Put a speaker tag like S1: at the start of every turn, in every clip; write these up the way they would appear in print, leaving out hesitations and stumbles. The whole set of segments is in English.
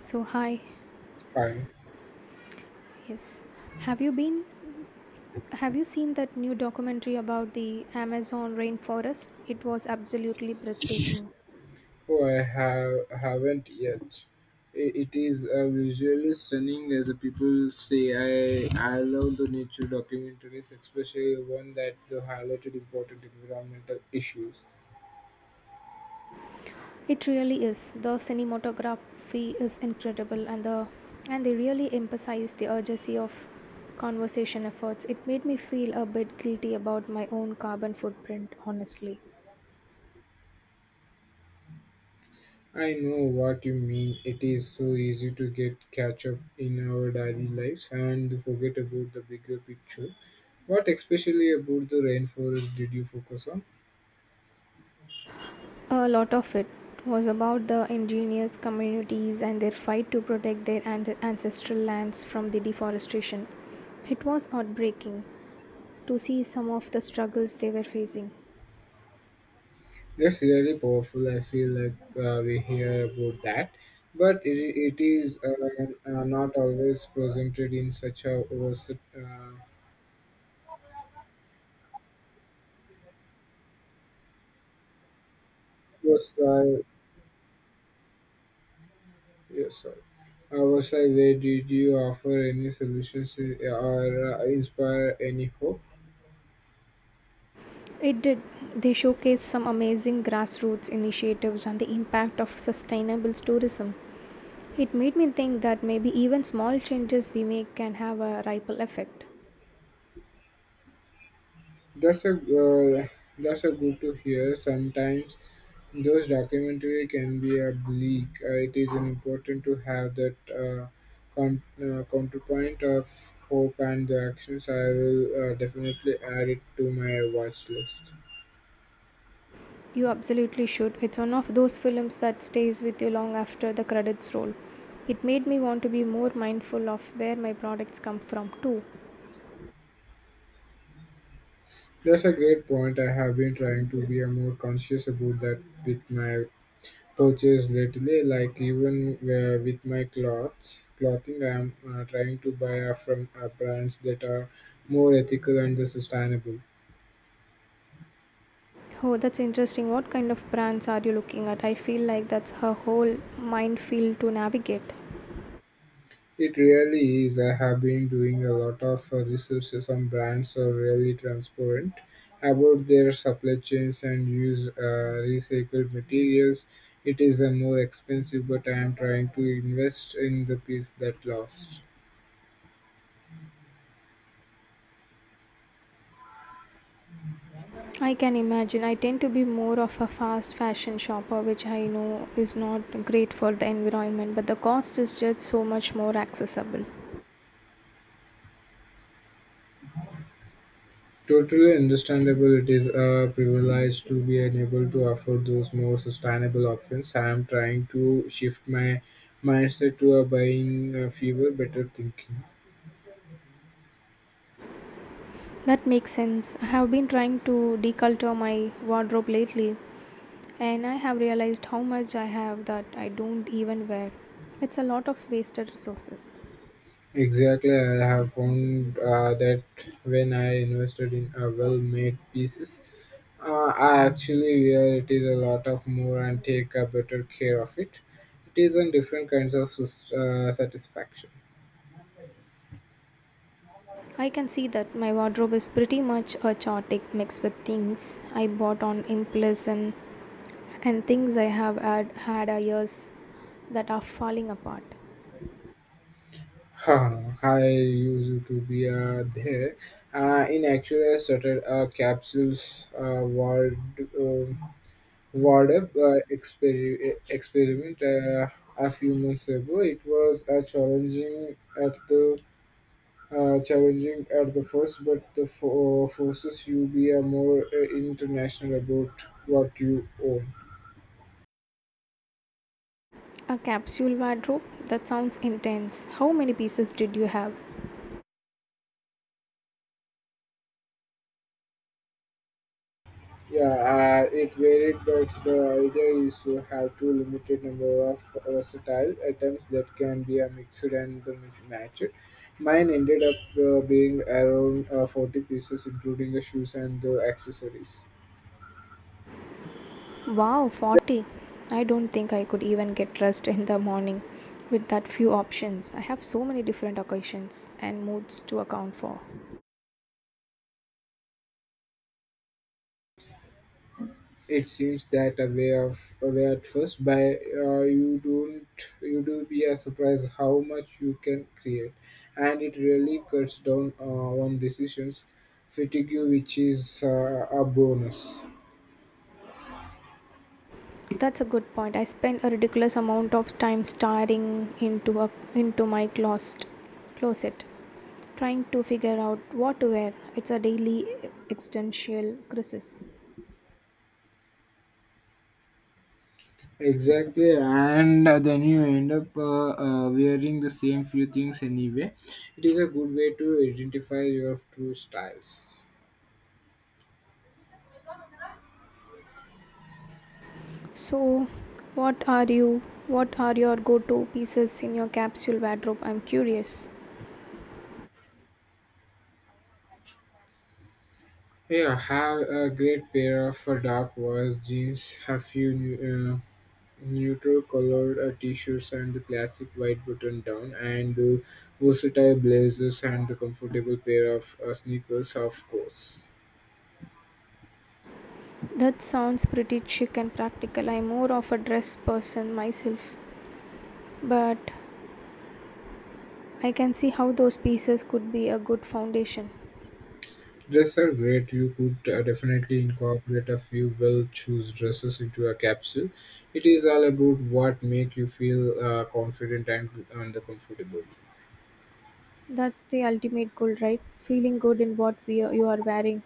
S1: So hi,
S2: Hi.
S1: yes. Have you been have you seen that new documentary about the Amazon rainforest? It was absolutely breathtaking.
S2: Oh, I have haven't yet. It is visually stunning, as the people say. I love the nature documentaries, especially one that the highlighted important environmental issues.
S1: It really is. The cinematography is incredible and they really emphasize the urgency of conservation efforts. It made me feel a bit guilty about my own carbon footprint, honestly.
S2: I know what you mean. It is so easy to get catch up in our daily lives and forget about the bigger picture. What especially about the rainforest did you focus on?
S1: A lot of it was about the indigenous communities and their fight to protect their ancestral lands from the deforestation. It was heartbreaking to see some of the struggles they were facing.
S2: That's really powerful. I feel like we hear about that, but it is not always presented in such a was yes, sorry. Was I where did you offer any solutions or inspire any hope?
S1: It did. They showcased some amazing grassroots initiatives and the impact of sustainable tourism. It made me think that maybe even small changes we make can have a ripple effect.
S2: That's a uh, that's a good to hear. Sometimes those documentary can be a bleak. It is an important to have that counterpoint of hope and the actions. I will definitely add it to my watch list.
S1: You absolutely should. It's one of those films that stays with you long after the credits roll. It made me want to be more mindful of where my products come from, too.
S2: That's a great point. I have been trying to be a more conscious about that with my purchase lately. Like even with my clothing, I am trying to buy from brands that are more ethical and sustainable.
S1: Oh, that's interesting. What kind of brands are you looking at? I feel like that's her whole minefield to navigate.
S2: It really is. I have been doing a lot of research. Some brands are really transparent about their supply chains and use recycled materials. It is a more expensive, but I am trying to invest in the piece that lasts.
S1: I can imagine. I tend to be more of a fast fashion shopper, which I know is not great for the environment, but the cost is just so much more accessible.
S2: Totally understandable. It is a privilege to be able to afford those more sustainable options. I am trying to shift my mindset to a buying fewer, better thinking.
S1: That makes sense. I have been trying to deculture my wardrobe lately, and I have realized how much I have that I don't even wear. It's a lot of wasted resources.
S2: Exactly, I have found that when I invested in a well-made pieces, I actually wear it is a lot of more and take a better care of it. It is in different kinds of satisfaction.
S1: I can see that my wardrobe is pretty much a chaotic mix with things I bought on impulse and things I have had a years that are falling apart.
S2: Huh, I used to be there. In actually, I started a capsules um wardrobe experiment a few months ago. It was a at the challenging at the first, but the forces you be a more international about what you own.
S1: A capsule wardrobe? That sounds intense. How many pieces did you have?
S2: Yeah, it varied, but the idea is to have two limited number of versatile items that can be a mixed and the mismatched. Mine ended up being around 40 pieces, including the shoes and the accessories.
S1: Wow, 40. I don't think I could even get dressed in the morning with that few options. I have so many different occasions and moods to account for.
S2: It seems that away of away at first, but you don't you do be a surprise how much you can create, and it really cuts down on decisions fatigue, which is a bonus.
S1: That's a good point. I spend a ridiculous amount of time staring into my closet, trying to figure out what to wear. It's a daily existential crisis.
S2: Exactly, and then you end up wearing the same few things anyway. It is a good way to identify your true styles.
S1: So, what are you? What are your go-to pieces in your capsule wardrobe? I'm curious.
S2: Yeah, have a great pair of dark wash jeans, a few neutral-colored t-shirts and the classic white button-down, and versatile blazers and the comfortable pair of sneakers, of course.
S1: That sounds pretty chic and practical. I'm more of a dress person myself, but I can see how those pieces could be a good foundation.
S2: Dresses are great. You could definitely incorporate a few well-chosen dresses into a capsule. It is all about what make you feel confident and comfortable.
S1: That's the ultimate goal, right? Feeling good in what you are wearing.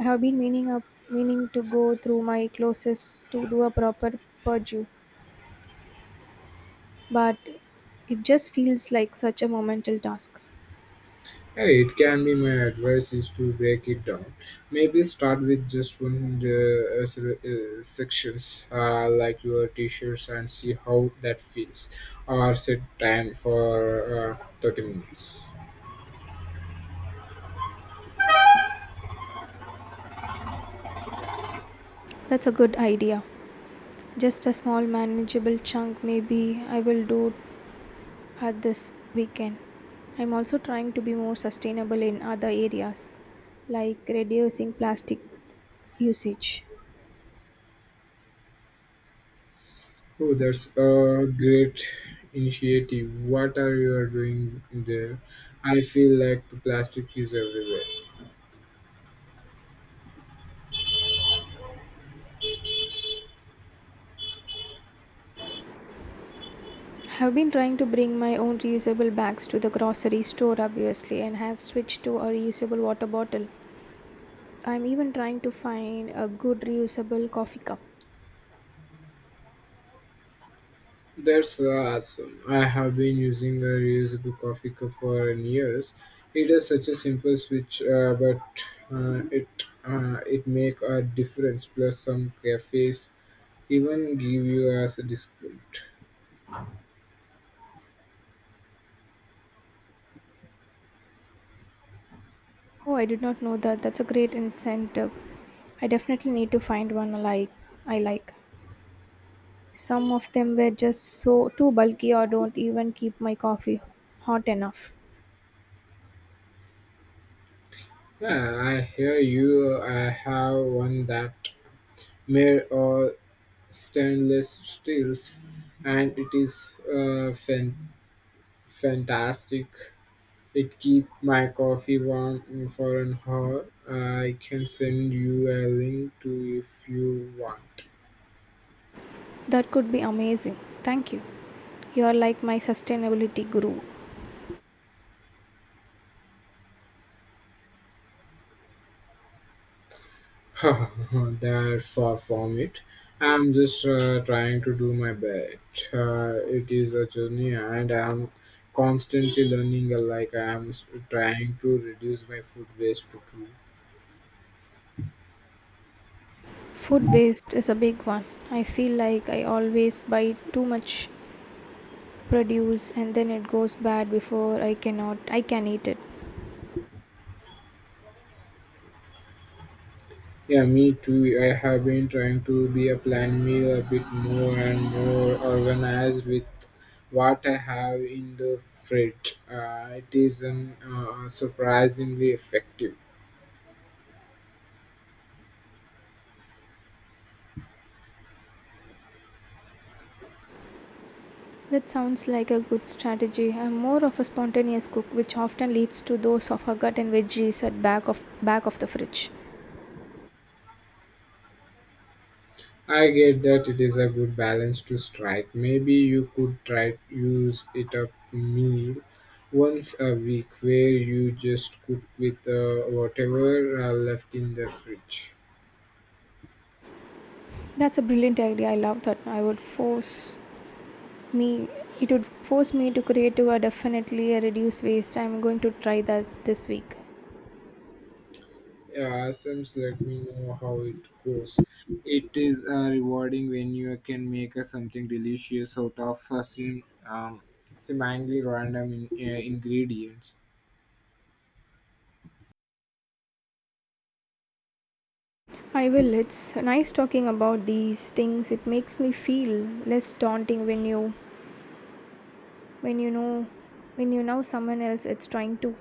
S1: I have been meaning to go through my closest to do a proper purge, but it just feels like such a monumental task.
S2: Hey, it can be. My advice is to break it down. Maybe start with just one sections, like your t-shirts, and see how that feels. Or set time for 30 minutes.
S1: That's a good idea. Just a small manageable chunk maybe I will do had this weekend. I'm also trying to be more sustainable in other areas, like reducing plastic usage.
S2: Oh, that's a great initiative. What are you doing there? I feel like plastic is everywhere.
S1: Have been trying to bring my own reusable bags to the grocery store, obviously, and have switched to a reusable water bottle. I'm even trying to find a good reusable coffee cup.
S2: That's awesome. I have been using a reusable coffee cup for years. It is such a simple switch, but uh, it it make a difference. Plus, some cafes even give you as a discount.
S1: Oh, I did not know that. That's a great incentive. I definitely need to find one I like. Some of them were just so too bulky or don't even keep my coffee hot enough.
S2: Yeah, I hear you. I have one that made of stainless steels, and it is fantastic. It keep my coffee warm for an hour. I can send you a link to if you want.
S1: That could be amazing. Thank you. You are like my sustainability guru.
S2: That's far from it. I'm just trying to do my best. It is a journey, and I'm constantly learning. Like trying to reduce my food waste to two.
S1: Food waste is a big one. I feel like I always buy too much produce and then it goes bad before I cannot I can eat it.
S2: Yeah, me too. I have been trying to be a plan meal a bit more and more organized with what I have in the fridge. It is an, surprisingly effective.
S1: That sounds like a good strategy. I'm more of a spontaneous cook which often leads to those of gut and veggies at back of the fridge.
S2: I get that it is a good balance to strike. Maybe you could try to use it up meal once a week where you just cook with whatever left in the fridge.
S1: That's a brilliant idea. I love that. I would force me It would force me to create a definitely a reduce waste. I'm going to try that this week.
S2: Yeah, Sims, let me know how it goes. It is rewarding when you can make something delicious out of seemingly random ingredients.
S1: I will. It's nice talking about these things. It makes me feel less daunting when you know when you know someone else it's trying to.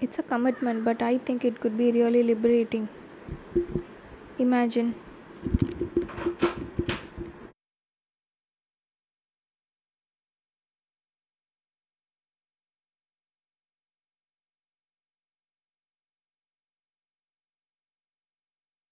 S1: It's a commitment, but I think it could be really liberating. Imagine